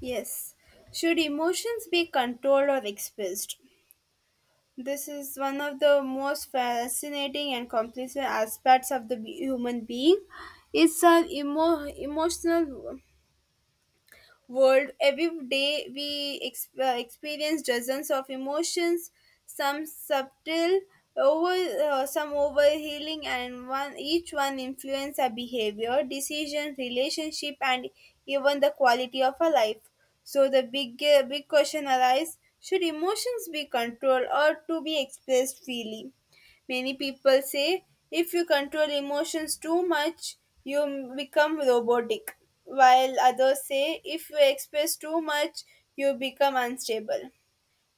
Yes. Should emotions be controlled or expressed? This is one of the most fascinating and complex aspects of the human being. It's our emotional world. Every day we experience dozens of emotions, some subtle, over some overhealing, and one each one influence our behavior, decision, relationship, and even the quality of our life. So the big question arises: should emotions be controlled or to be expressed freely? Many people say if you control emotions too much, you become robotic, while others say if you express too much, you become unstable.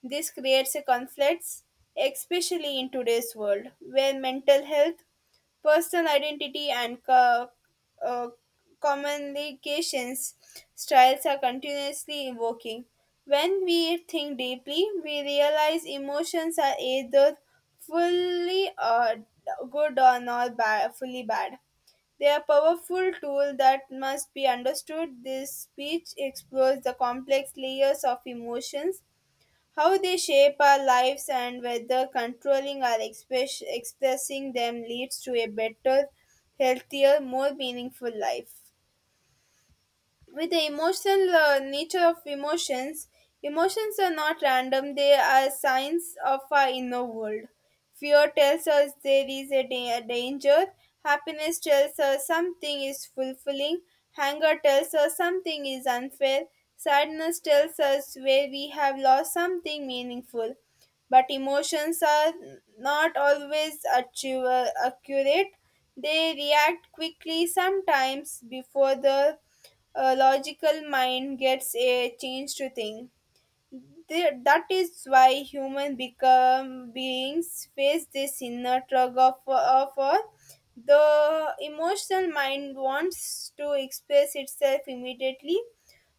This creates a conflicts, especially in today's world, where mental health, personal identity, and uh, communications styles are continuously evoking. When we think deeply, we realize emotions are either fully good or not bad, fully bad. They are powerful tool that must be understood. This speech explores the complex layers of emotions, how they shape our lives and whether controlling or expressing them leads to a better, healthier, more meaningful life with the emotional nature of emotions. Emotions are not random, they are signs of our inner world. Fear tells us there is danger, happiness tells us something is fulfilling, anger tells us something is unfair, sadness tells us where we have lost something meaningful. But emotions are not always accurate. They react quickly, sometimes before the a logical mind gets a chance to think. That is why human become beings face this inner tug of all. The emotional mind wants to express itself immediately,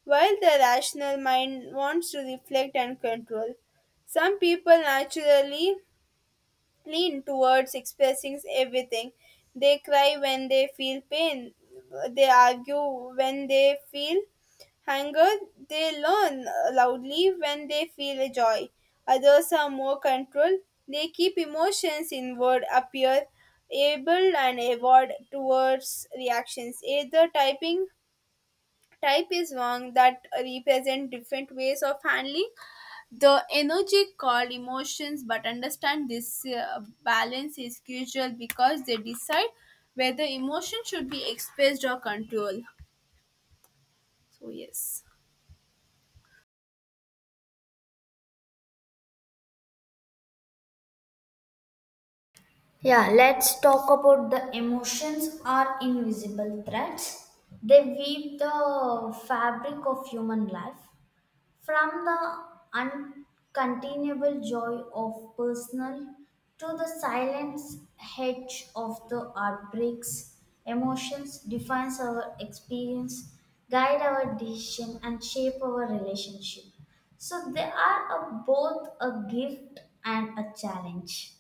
while the rational mind wants to reflect and control. Some people naturally lean towards expressing everything. They cry when they feel pain, they argue when they feel hunger, they learn loudly when they feel a joy. Others are more controlled, they keep emotions inward, appear able and avoid towards reactions. Either typing type is wrong that represent different ways of handling the energy called emotions. But understand this balance is crucial because they decide whether emotion should be expressed or controlled. So yes. Yeah, let's talk about the emotions are invisible threads. They weave the fabric of human life from the uncontainable joy of personal to the silent hedge of the heartbreaks. Emotions defines our experience, guide our decision and shape our relationship. So they are both a gift and a challenge.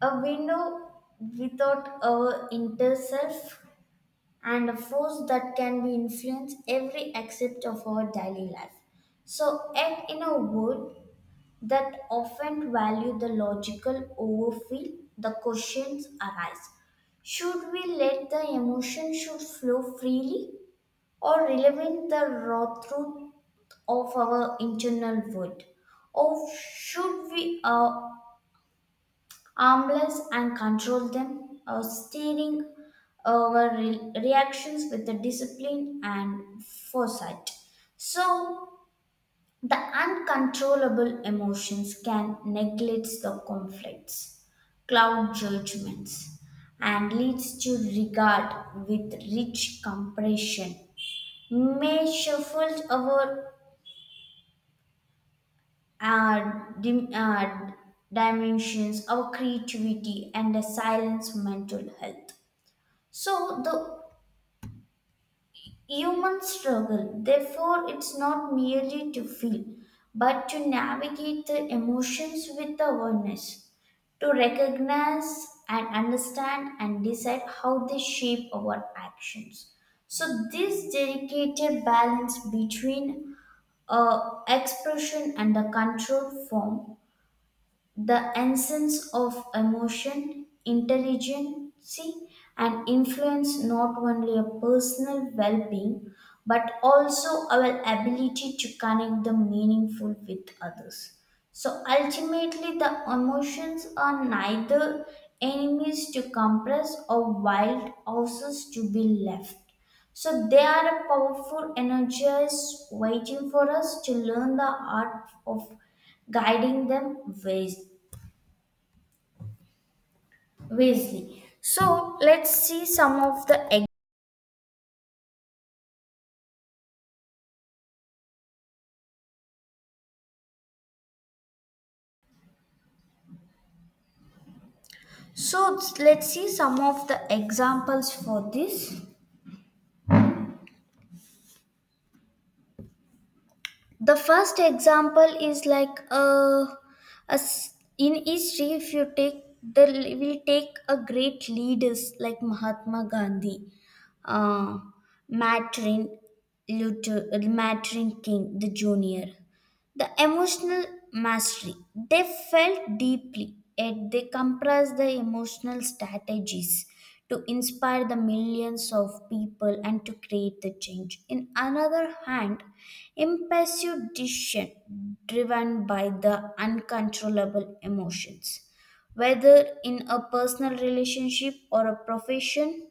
A window without our inner self and a force that can be influence every aspect of our daily life. So yet in a world that often value the logical over feel, the questions arise. Should we let the emotion should flow freely or relevant the raw truth of our internal world? Or should we armless and control them, steering our reactions with the discipline and foresight. So, the uncontrollable emotions can neglect the conflicts, cloud judgments, and leads to regard with rich compression. May shuffle our uh, dim, uh, dimensions, our creativity, and the silence mental health. So the human struggle, therefore, it's not merely to feel, but to navigate the emotions with awareness, to recognize and understand and decide how they shape our actions. So this delicate balance between expression and the control form the essence of emotion, intelligence, and influence not only our personal well being but also our ability to connect the meaningful with others. So ultimately, the emotions are neither enemies to compress or wild horses to be left. So they are a powerful energies waiting for us to learn the art of guiding them wise- wisely. So let's see some of the examples for this. The first example is like in history if you take the will take a great leaders like Mahatma Gandhi, uh, Martin Luther Martin King the Junior, the emotional mastery. They felt deeply, yet they compressed the emotional strategies to inspire the millions of people and to create the change. In another hand, impulsive decision driven by the uncontrollable emotions, whether in a personal relationship or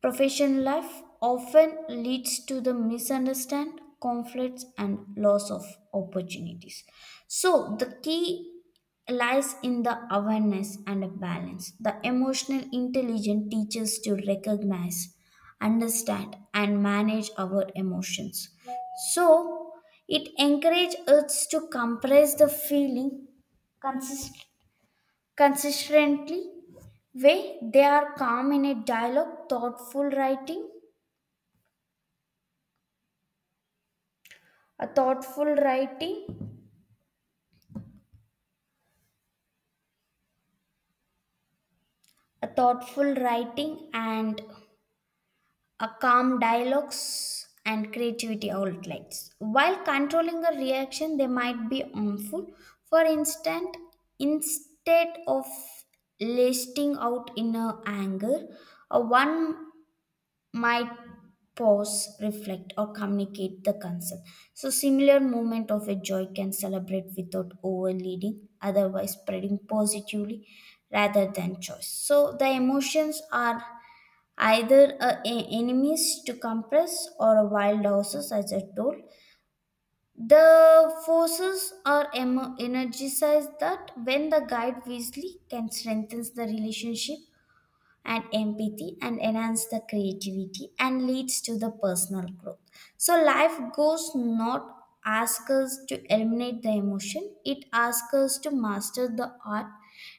Professional life often leads to the misunderstand, conflicts, and loss of opportunities. So the key lies in the awareness and a balance. The emotional intelligence teaches to recognize, understand, and manage our emotions. So it encourages us to compress the feeling consistently consistently way they are calm in a dialogue thoughtful writing a thoughtful writing and a calm dialogues and creativity outlets while controlling a reaction they might be harmful. For instance, instead of lasting out in a anger, a one might pause, reflect, or communicate the concern. So, similar moment of a joy can celebrate without overleading, otherwise spreading positively rather than choice. So, the emotions are either enemies to compress or a wild horses, as I told. The forces are energized that when the guide wisely can strengthen the relationship and empathy and enhance the creativity and leads to the personal growth. So life goes not ask us to eliminate the emotion, it asks us to master the art,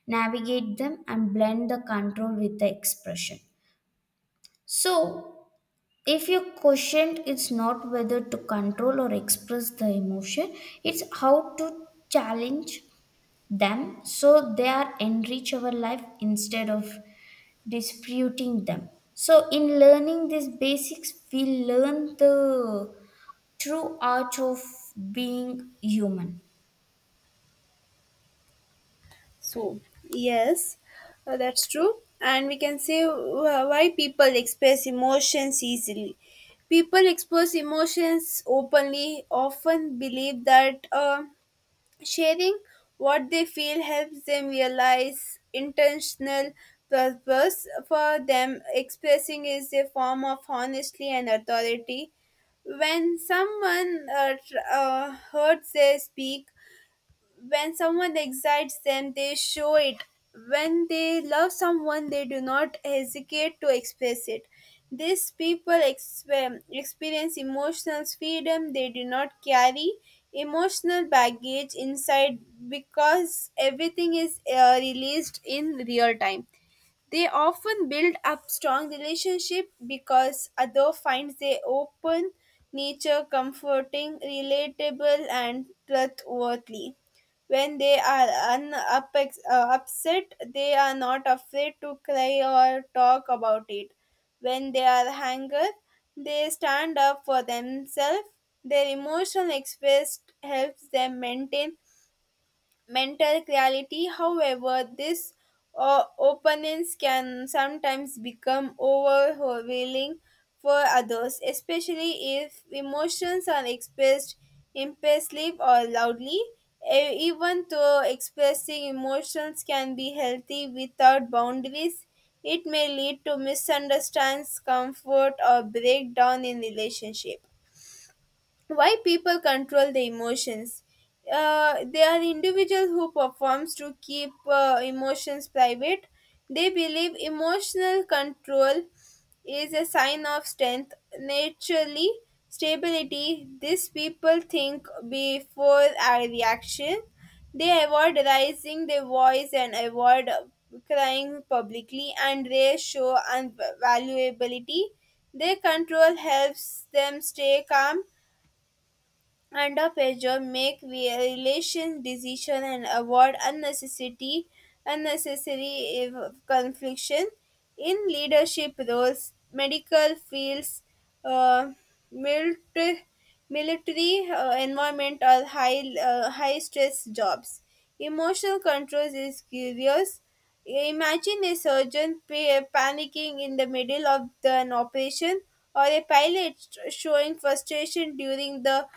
navigate them and blend the control with the expression. So if your question is not whether to control or express the emotion, it's how to challenge them so they are enrich our life instead of disputing them. So, in learning these basics, we learn the true art of being human. So, yes, that's true and we can say, why people express emotions easily. People express emotions openly, often believe that sharing what they feel helps them realize intentional purpose. For them, expressing is a form of honesty and authority. When someone hurts, they speak. When someone excites them, they show it. When they love someone, they do not hesitate to express it. These people experience emotional freedom. They do not carry emotional baggage inside because everything is released in real time. They often build up strong relationship because other finds their open nature comforting, relatable and trustworthy. When they are upset, they are not afraid to cry or talk about it. When they are angry, they stand up for themselves. Their emotional express helps them maintain mental clarity. However, this openness can sometimes become overwhelming for others, especially if emotions are expressed impulsively or loudly. Even though expressing emotions can be healthy without boundaries, it may lead to misunderstandings, comfort, or breakdown in relationship. Why people control their emotions? They are individuals who performs to keep emotions private. They believe emotional control is a sign of strength, naturally stability. These people think before a reaction. They avoid raising their voice and avoid crying publicly, and they show unvaluability. Their control helps them stay calm underpressure, make relation decision and avoid unnecessary confliction. In leadership roles, medical fields, uh, military military environment or high stress jobs, emotional control is curious. Imagine a surgeon panicking in the middle of an operation, or a pilot showing frustration during the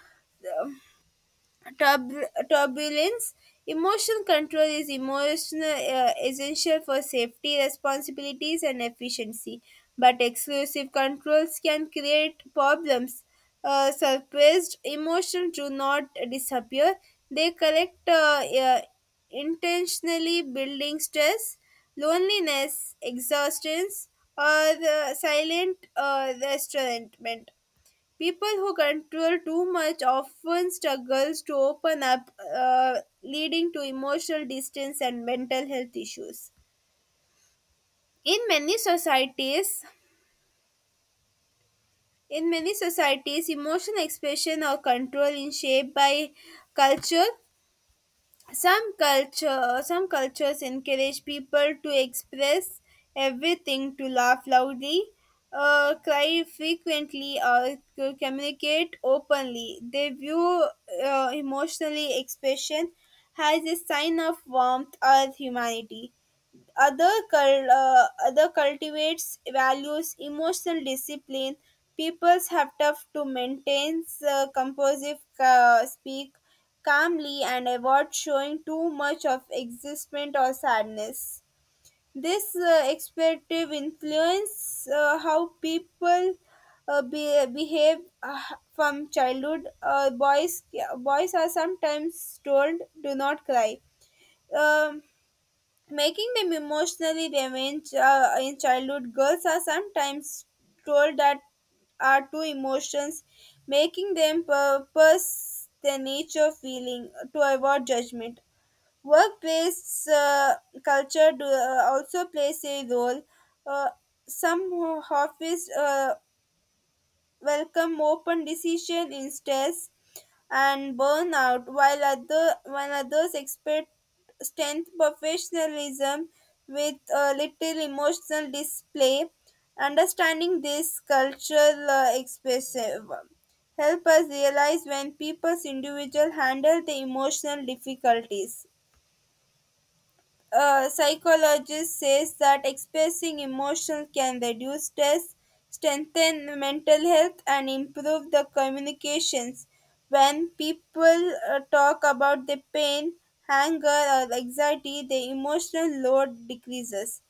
Turbulence. Emotion control is emotional essential for safety responsibilities and efficiency. But exclusive controls can create problems. Suppressed emotions do not disappear. They correct, intentionally building stress, loneliness, exhaustion, or silent restaurantment. People who control too much often struggles to open up, leading to emotional distance and mental health issues. In many societies, in many societies, emotional expression or control is shaped by culture. Some cultures encourage people to express everything, to laugh loudly, cry frequently, or to communicate openly. They view emotionally expression as a sign of warmth or humanity. Other cultivates values emotional discipline. Peoples have tough to maintain composite, speak calmly and avoid showing too much of excitement or sadness. This expectative influence how people behave from childhood. Boys are sometimes told do not cry. Um, Making them emotionally damaged in childhood, girls are sometimes told that are two emotions, making them purpose their nature feeling to avoid judgment. Workplace culture do, also plays a role. uh, some office welcome open decision insteads and burnout, while other while others expect strength professionalism with a little emotional display. Understanding this cultural expressive help us realize when people's individual handle the emotional difficulties. A psychologist says that expressing emotions can reduce stress, strengthen mental health, and improve the communications. When people talk about their pain, anger, or anxiety, the emotional load decreases.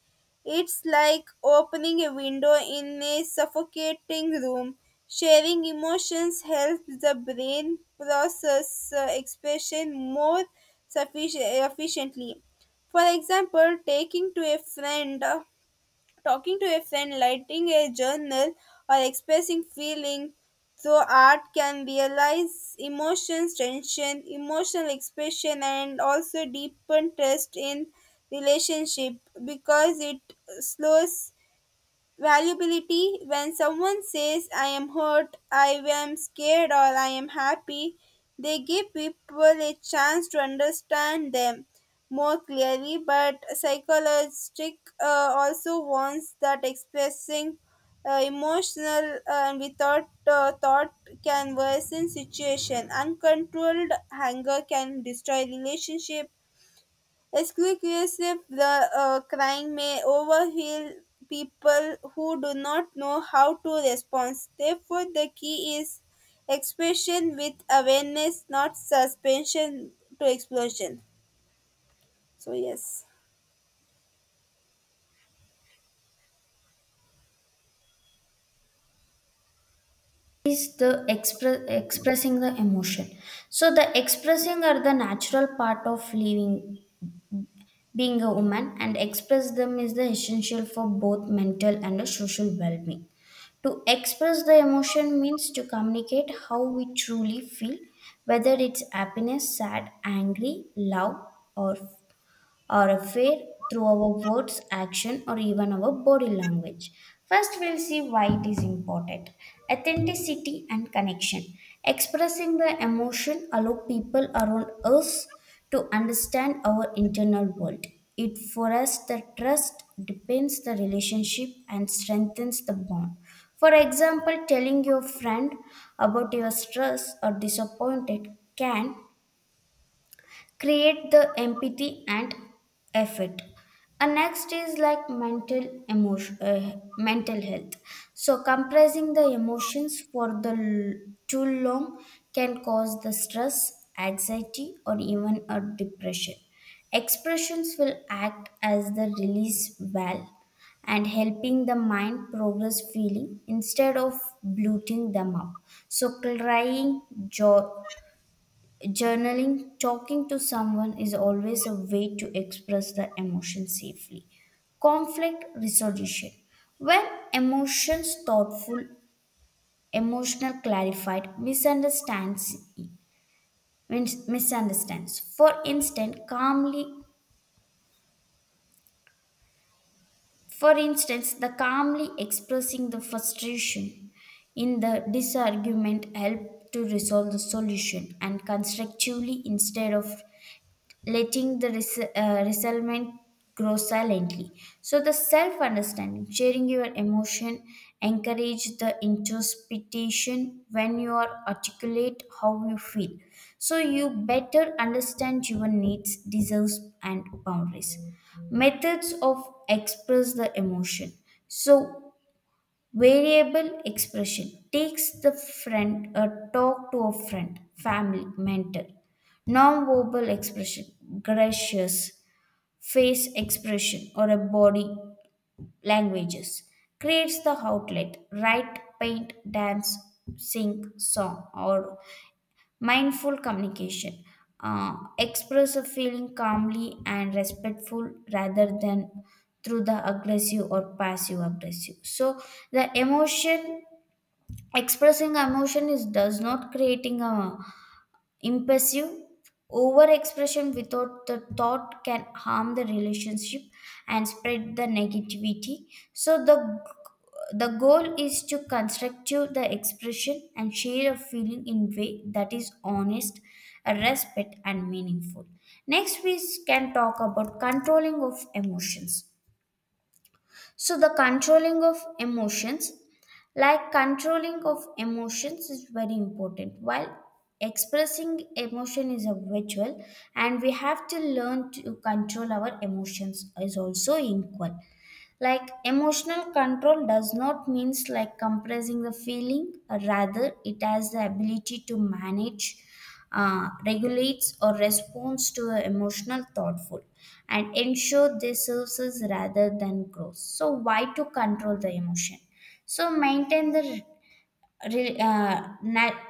It's like opening a window in a suffocating room. Sharing emotions helps the brain process expression more efficiently. For example, taking to a friend, talking to a friend, writing a journal, or expressing feeling through art can realize emotions, tension, emotional expression, and also deepen trust in relationship because it slows Valuability. When someone says, I am hurt, I am scared, or I am happy, they give people a chance to understand them more clearly. But psychologist also warns that expressing emotional without thought can worsen situation. Uncontrolled anger can destroy relationship. Exclusive, the crying may overwhelm people who do not know how to respond. Therefore, the key is expression with awareness, not suspension to explosion. So, yes. Is the expressing the emotion, so the expressing are the natural part of living, being a woman and express them is the essential for both mental and the social well-being. To express the emotion means to communicate how we truly feel, whether it's happiness, sad, angry, love, or or affair, through our words, action, or even our body language. First, we'll see why it is important. Authenticity and connection. Expressing the emotion allow people around us to understand our internal world. It for us the trust depends the relationship and strengthens the bond. For example, telling your friend about your stress or disappointed can create the empathy and effort. And next is like mental health. So compressing the emotions for the too long can cause the stress, anxiety, or even a depression. Expressions will act as the release valve and helping the mind progress feeling instead of bloating them up. So crying, joy, journaling, talking to someone is always a way to express the emotion safely. Conflict resolution. When emotions thoughtful, emotional clarified, misunderstands means misunderstands. For instance, the calmly expressing the frustration in the disargument help to resolve the solution and constructively instead of letting the resentment grow silently. So the self-understanding, sharing your emotion, encourage the introspection when you are articulate how you feel. So you better understand your needs, deserves, and boundaries. Methods of express the emotion. So variable expression takes the friend a talk to a friend, family, mentor. Non-verbal expression, gracious, face expression or a body languages creates the outlet, write, paint, dance, sing, song or mindful communication. Express a feeling calmly and respectful rather than through the aggressive or passive aggressive. So the emotion Expressing emotion is does not creating a impulsive overexpression without the thought can harm the relationship and spread the negativity. So the goal is to construct the expression and share a feeling in way that is honest, a respect and meaningful. Next we can talk about controlling of emotions. So the controlling of emotions, like controlling of emotions, is very important. While expressing emotion is a virtual, and we have to learn to control our emotions is also equal, like emotional control does not means like compressing the feeling, rather it has the ability to manage, regulates or responds to a emotional thoughtful and ensure this services rather than grows. So why to control the emotion? So maintain the re- uh, na-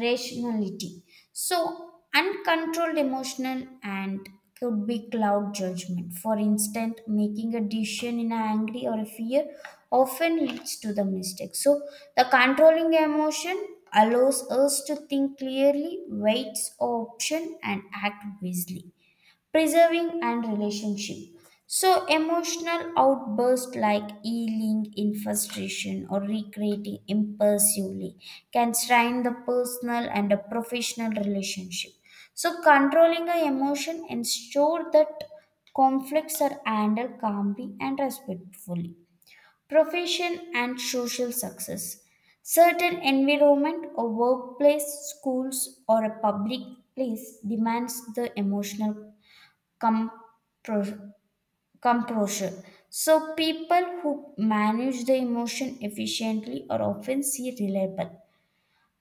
rationality. So, uncontrolled emotional and could be cloud judgment. For instance, making a decision in anger or fear often leads to the mistake. So, the controlling emotion allows us to think clearly, weights option, and act wisely, preserving and relationship. So emotional outbursts like yelling in frustration or recreating impulsively can strain the personal and a professional relationship. So controlling our emotion ensure that conflicts are handled calmly and respectfully. Profession and social success, certain environment or workplace, schools or a public place demands the emotional compro- composure. So, people who manage the emotion efficiently are often seen reliable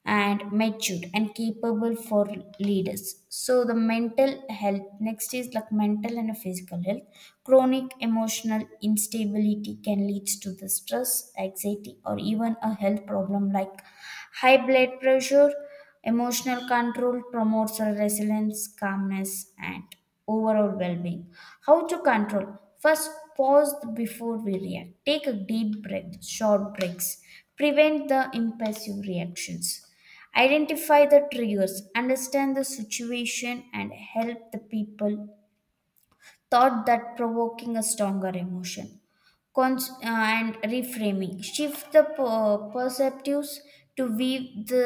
and matured and capable for leaders. So, the mental health next is like mental and physical health. Chronic emotional instability can lead to the stress, anxiety, or even a health problem like high blood pressure. Emotional control promotes resilience, calmness, and overall well-being. How to control? First, pause before we react, take a deep breath, short breaks prevent the impulsive reactions. Identify the triggers, understand the situation and help the people thought that provoking a stronger emotion. And reframing shift the perceptives to view the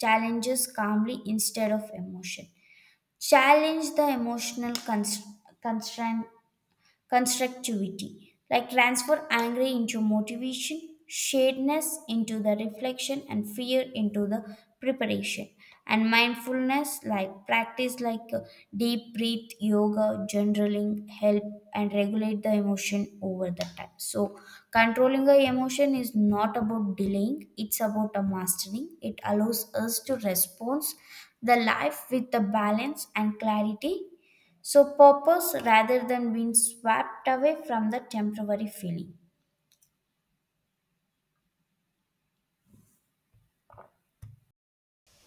challenges calmly instead of emotion, challenge the emotional const- constraint constructivity, like transfer anger into motivation, shadiness into the reflection, and fear into the preparation. And mindfulness, like practice like deep breath, yoga, journaling, help and regulate the emotion over the time. So, controlling the emotion is not about delaying, it's about a mastering. It allows us to respond the life with the balance and clarity, so, purpose rather than being swept away from the temporary feeling.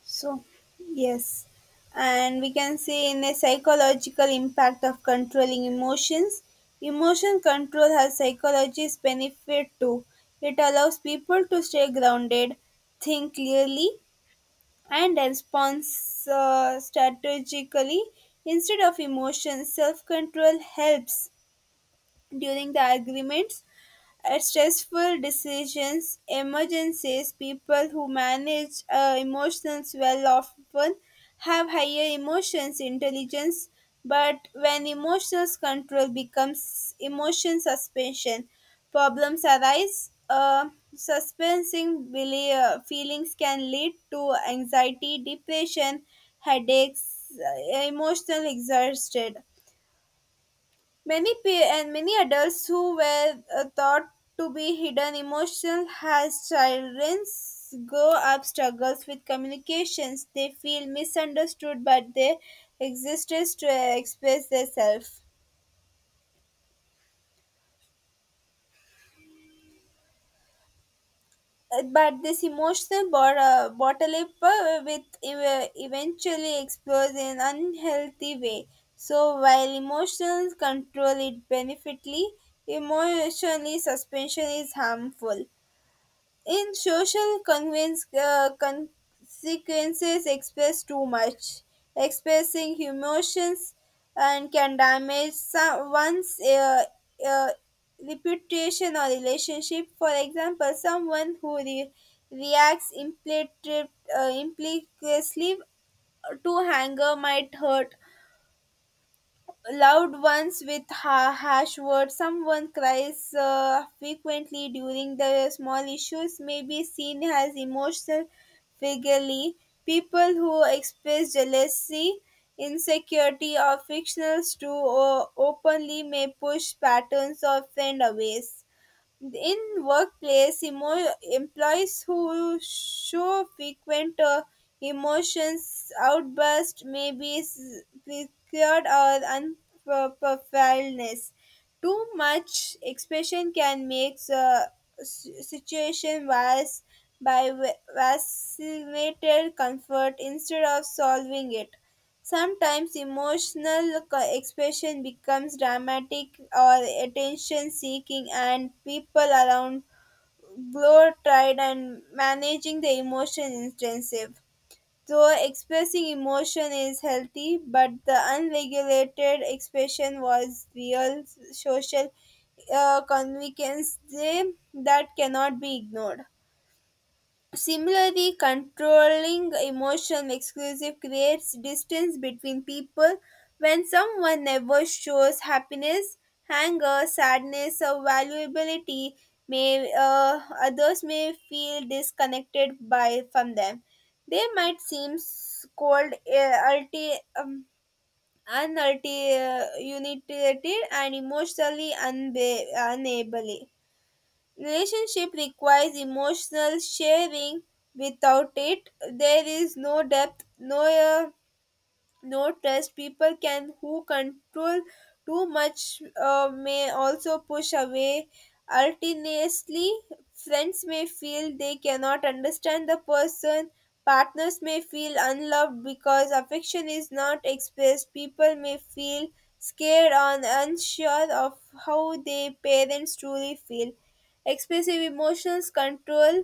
So, yes. And we can see in a psychological impact of controlling emotions. Emotion control has psychologist benefit too. It allows people to stay grounded, think clearly, and responds strategically instead of emotion. Self control helps during the agreements, stressful decisions, emergencies. People who manage emotions well often have higher emotions intelligence, but when emotions control becomes emotion suspension, problems arise. Suspensing feelings can lead to anxiety, depression, headaches, emotional exhausted. Many pe- and many adults who were thought to be hidden emotions as children grow up struggles with communications. They feel misunderstood, but they existence to express themselves. But this emotional bottle up with eventually explodes in unhealthy way. So while emotions control it benefitly, emotionally suspension is harmful. In social convince, consequences express too much. Expressing emotions and can damage one's uh, reputation or relationship. For example, someone who reacts implicitly to anger might hurt loved ones with harsh words. Someone cries frequently during the small issues may be seen as emotional figurely. People who express jealousy, insecurity, or fictional to openly may push patterns of friend away. In workplace, employees who show frequent emotions outburst may be secured or unprofessionalness. Too much expression can make the situation worse by vacillated comfort instead of solving it. Sometimes emotional expression becomes dramatic or attention seeking, and people around grow tired and managing the emotion intensive. Though expressing emotion is healthy, but the unregulated expression was real social convenience that cannot be ignored. Similarly, controlling emotion exclusive creates distance between people. When someone never shows happiness, anger, sadness, or valuability, may others may feel disconnected by from them. They might seem cold, unitated, and emotionally unable. Relationship requires emotional sharing; without it, there is no depth, no trust. People can who control too much may also push away ultimately. Friends may feel they cannot understand the person, partners may feel unloved because affection is not expressed, people may feel scared or unsure of how their parents truly feel. Expressive emotions control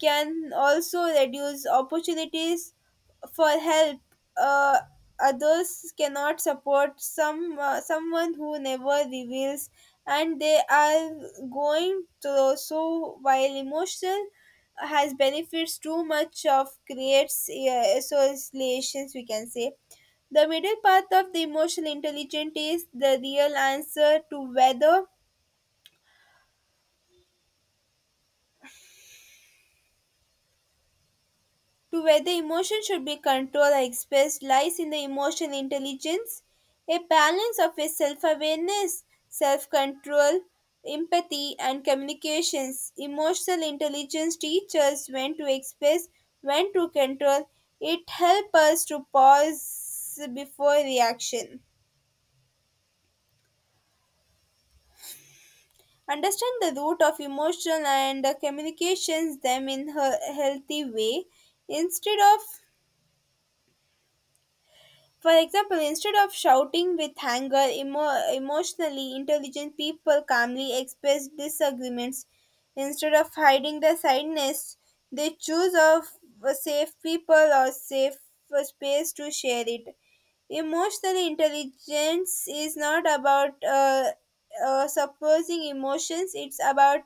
can also reduce opportunities for help. uh, Others cannot support someone who never reveals and they are going through. So while emotional has benefits, too much of creates associations, we can say. The middle path of the emotional intelligence is the real answer to whether emotion should be controlled or expressed lies in the emotional intelligence, a balance of a self-awareness, self-control, empathy, and communications. Emotional intelligence teaches when to express, when to control. It helps us to pause before reaction, understand the root of emotional and communications them in a healthy way instead of. For example, instead of shouting with anger, emotionally intelligent people calmly express disagreements. Instead of hiding their sadness, they choose of a safe people or safe space to share it. Emotional intelligence is not about suppressing emotions; it's about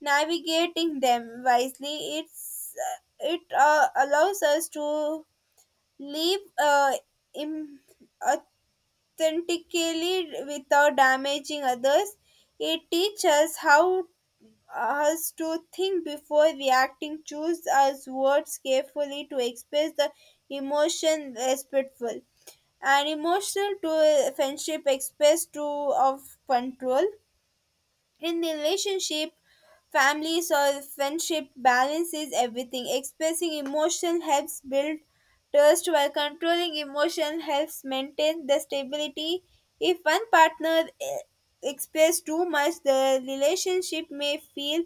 navigating them wisely. It's it allows us to live Im- authentically without damaging others. It teaches us how us to think before reacting, choose our words carefully to express the emotion respectful and emotional to friendship express to of control in relationship, families or friendship balances everything. Expressing emotion helps build trust while controlling emotion helps maintain the stability. If one partner expresses too much, the relationship may feel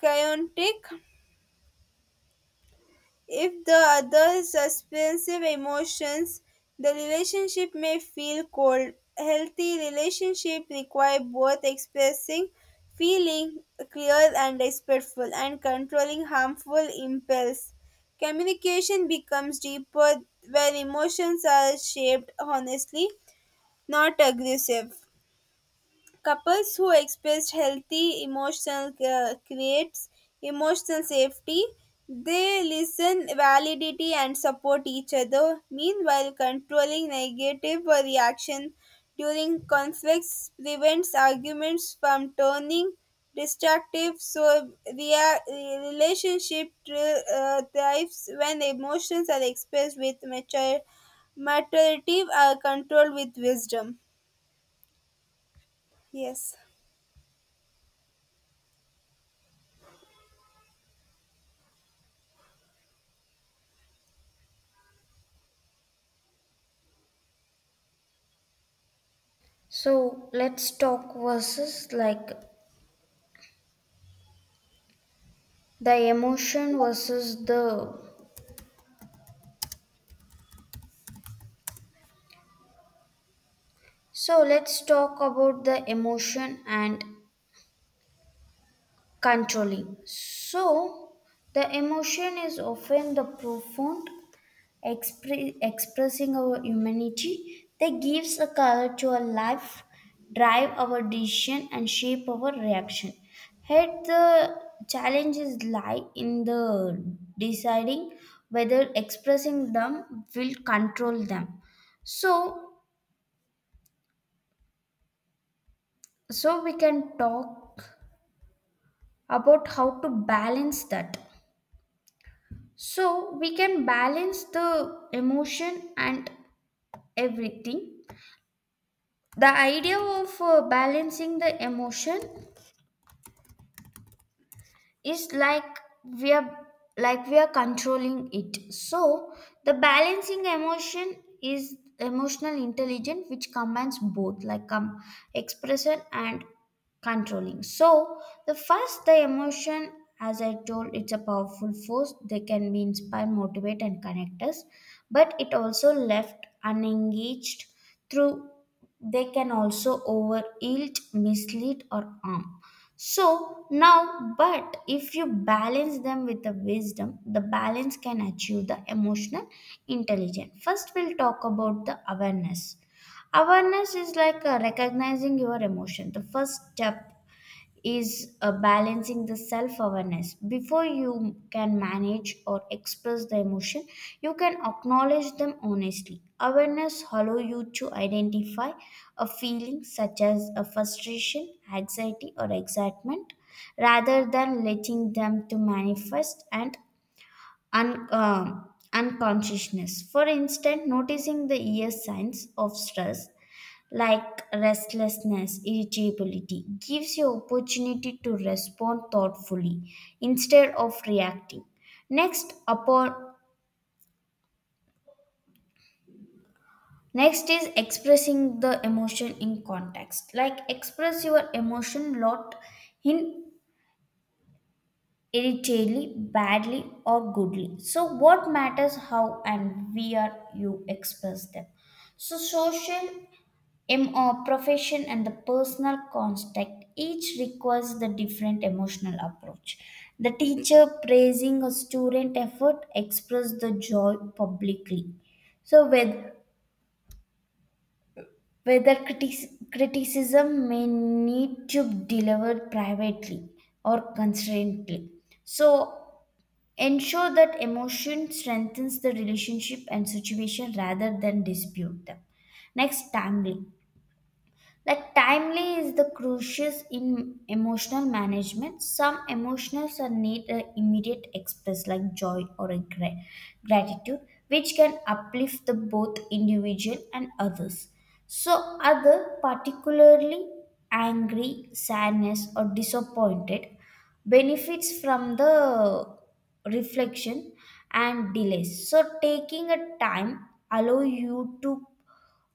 chaotic. If the other suspends emotions, the relationship may feel cold. Healthy relationships require both expressing feeling clear and respectful and controlling harmful impulse. Communication becomes deeper where emotions are shaped honestly, not aggressive. Couples who express healthy emotional creates emotional safety. They listen, validity, and support each other. Meanwhile, controlling negative reaction during conflicts prevents arguments from turning destructive. So, relationship thrives when emotions are expressed with mature, maturity, are controlled with wisdom. Yes. So, let's talk versus like the emotion versus the. So, let's talk about the emotion and controlling. So, the emotion is often the profound expressing our humanity that gives a color to our life, drive our decision and shape our reaction. Yet the challenges lie in the deciding whether expressing them will control them. So we can talk about how to balance that. So we can balance the emotion and everything. The idea of balancing the emotion is like we are we are controlling it. So the balancing emotion is emotional intelligence which combines both like expression and controlling. So the first, the emotion, as I told, it's a powerful force, they can be inspire, motivate and connect us, but it also left unengaged through they can also over yield, mislead or harm. So now, but if you balance them with the wisdom, the balance can achieve the emotional intelligence. First, we'll talk about the awareness. Awareness is like recognizing your emotion. The first step is balancing the self awareness. Before you can manage or express the emotion, you can acknowledge them honestly. Awareness allow you to identify a feeling such as a frustration, anxiety, or excitement, rather than letting them to manifest and unconsciousness. For instance, noticing the ear signs of stress like restlessness, irritability, gives you opportunity to respond thoughtfully instead of reacting. Next, upon next is expressing the emotion in context. Like express your emotion lot in irritably, badly, or goodly. So what matters how and where you express them. So social MO profession and the personal contact each requires the different emotional approach. The teacher praising a student effort express the joy publicly. So whether criticism may need to be delivered privately or constraintly. So ensure that emotion strengthens the relationship and situation rather than dispute them. Next, timely. Like timely is the crucial in emotional management. Some emotions are need a immediate express like joy or a gratitude, which can uplift the both individual and others. So other particularly angry, sadness or disappointed benefits from the reflection and delays. So taking a time allow you to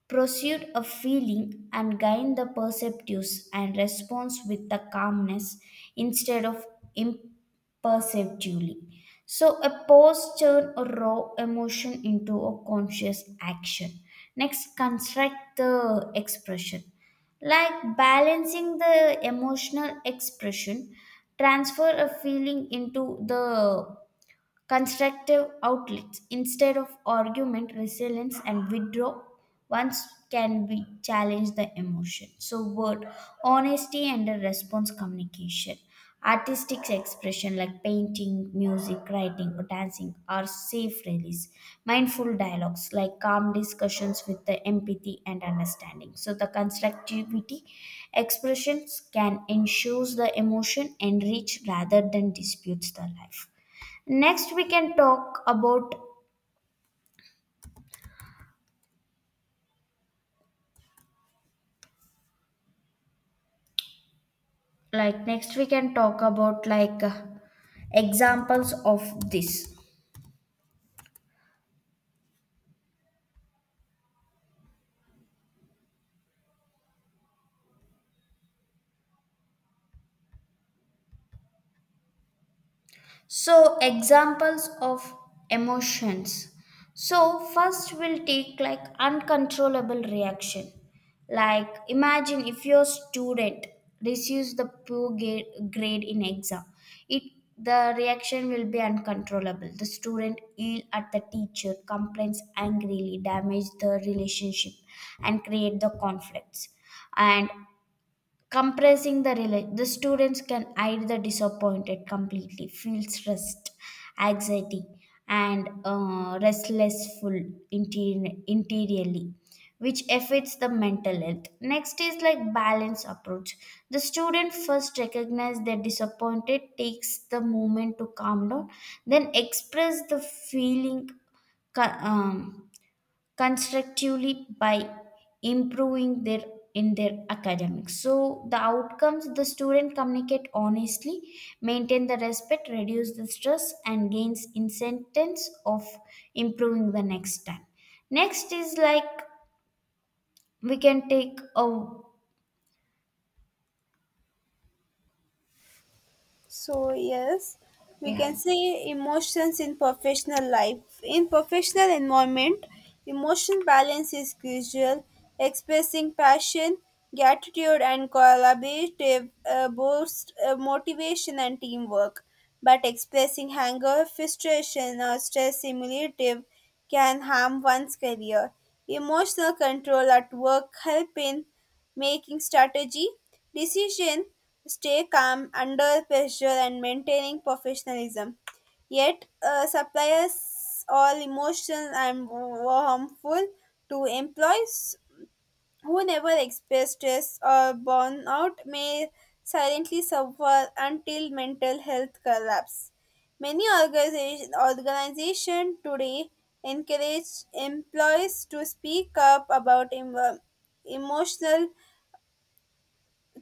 pursued a feeling and gain the perceptives and response with the calmness instead of imperceptively. So a pause turn a raw emotion into a conscious action. Next, construct the expression. Like balancing the emotional expression, transfer a feeling into the constructive outlets instead of argument resilience and withdraw once can be challenge the emotion. So word honesty and a response communication, artistic expression like painting, music, writing or dancing are safe release, mindful dialogues like calm discussions with the empathy and understanding, so the constructivity expressions can ensures the emotion enrich rather than disputes the life. next we can talk about Next we can talk about like examples of this. So examples of emotions. So first we'll take like uncontrollable reaction. Like imagine if your student receives the poor grade in exam. It The reaction will be uncontrollable, the student yell at the teacher, complains angrily, damage the relationship and create the conflicts. And compressing the the students can hide the disappointed completely, feel stressed, anxiety and restlessful interiorly, which affects the mental health. Next is like balance approach. The student first recognize they're disappointed, takes the moment to calm down, then express the feeling co- um, constructively by improving their in their academics. So the outcomes, the student communicate honestly, maintain the respect, reduce the stress and gains incentives of improving the next time. Next is like we can take a So, yes, we yeah, can say emotions in professional life. In professional environment, emotion balance is crucial. Expressing passion, gratitude, and collaborative boost motivation and teamwork. But expressing anger, frustration, or stress simulative can harm one's career. Emotional control at work help in making strategy, decision, stay calm under pressure and maintaining professionalism. Yet suppliers all emotional and were harmful to employees who never express stress or burnout may silently suffer until mental health collapse. Many organization today encourage employees to speak up about emotional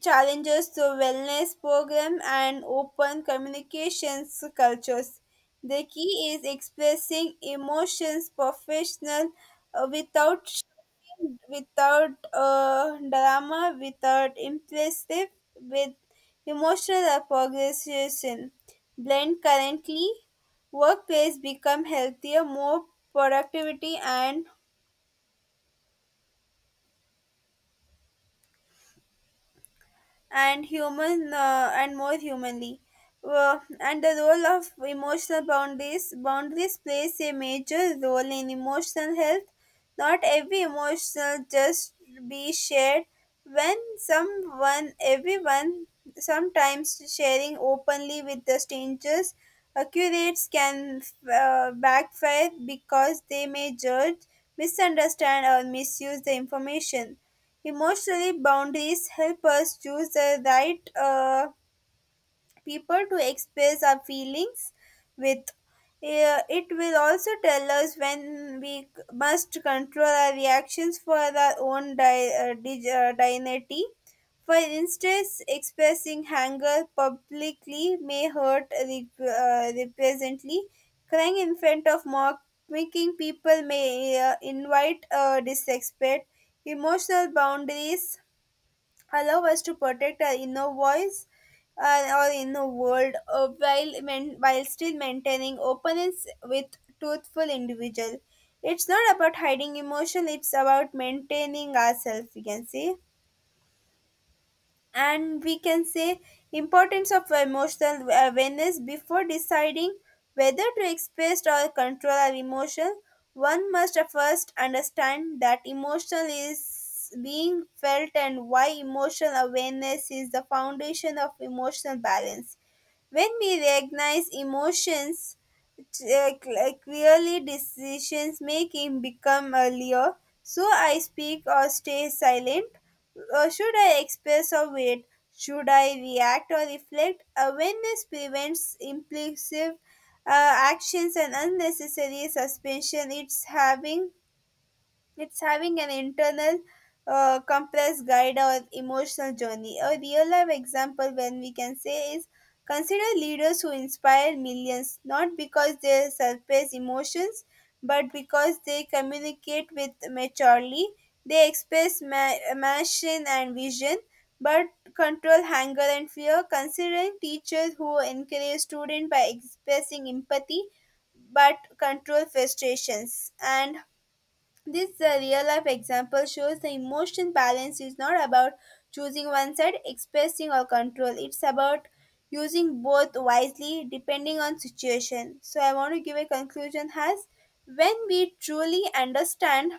challenges to wellness program and open communications cultures. The key is expressing emotions professional without shouting, without drama, without impressive, with emotional appreciation. Blend currently, workplace become healthier, more productivity and human and more humanly. And the role of emotional boundaries plays a major role in emotional health. Not every emotional just be shared when someone everyone sometimes sharing openly with the strangers accurates can backfire because they may judge misunderstand or misuse the information. Emotionally, boundaries help us choose the right people to express our feelings with. It will also tell us when we must control our reactions for our own dignity. For instance, expressing anger publicly may hurt represently. Crying in front of mock making people may invite disrespect. Emotional boundaries allow us to protect our inner voice or inner world while still maintaining openness with truthful individual. It's not about hiding emotion; it's about maintaining ourselves. We can say and we can say importance of emotional awareness before deciding whether to express or control our emotion. One must first understand that emotion is being felt and why emotional awareness is the foundation of emotional balance. When we recognize emotions, uh, clearly decisions making become earlier. So I speak or stay silent, should I express or wait? Should I react or reflect? Awareness prevents impulsive actions and unnecessary suspension. It's having an internal compass guide our emotional journey. A real life example when we can say is consider leaders who inspire millions, not because they surface emotions, but because they communicate with maturely. They express passion and vision, but control anger and fear. Consider teachers who encourage students by expressing empathy, but control frustrations and this real life example shows the emotion balance is not about choosing one side, expressing or control. It's about using both wisely depending on situation. So I want to give a conclusion as when we truly understand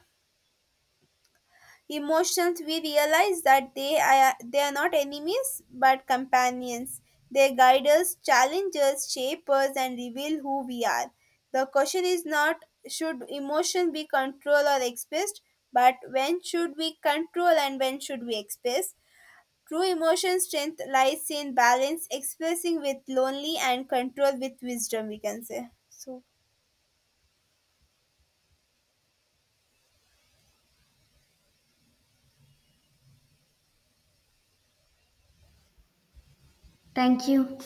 emotions, we realize that they are not enemies but companions. They guide us, challenge us, shape us, and reveal who we are. The question is not should emotion be controlled or expressed, but when should we control and when should we express. True emotion strength lies in balance, expressing with lonely and control with wisdom, we can say so. thank you.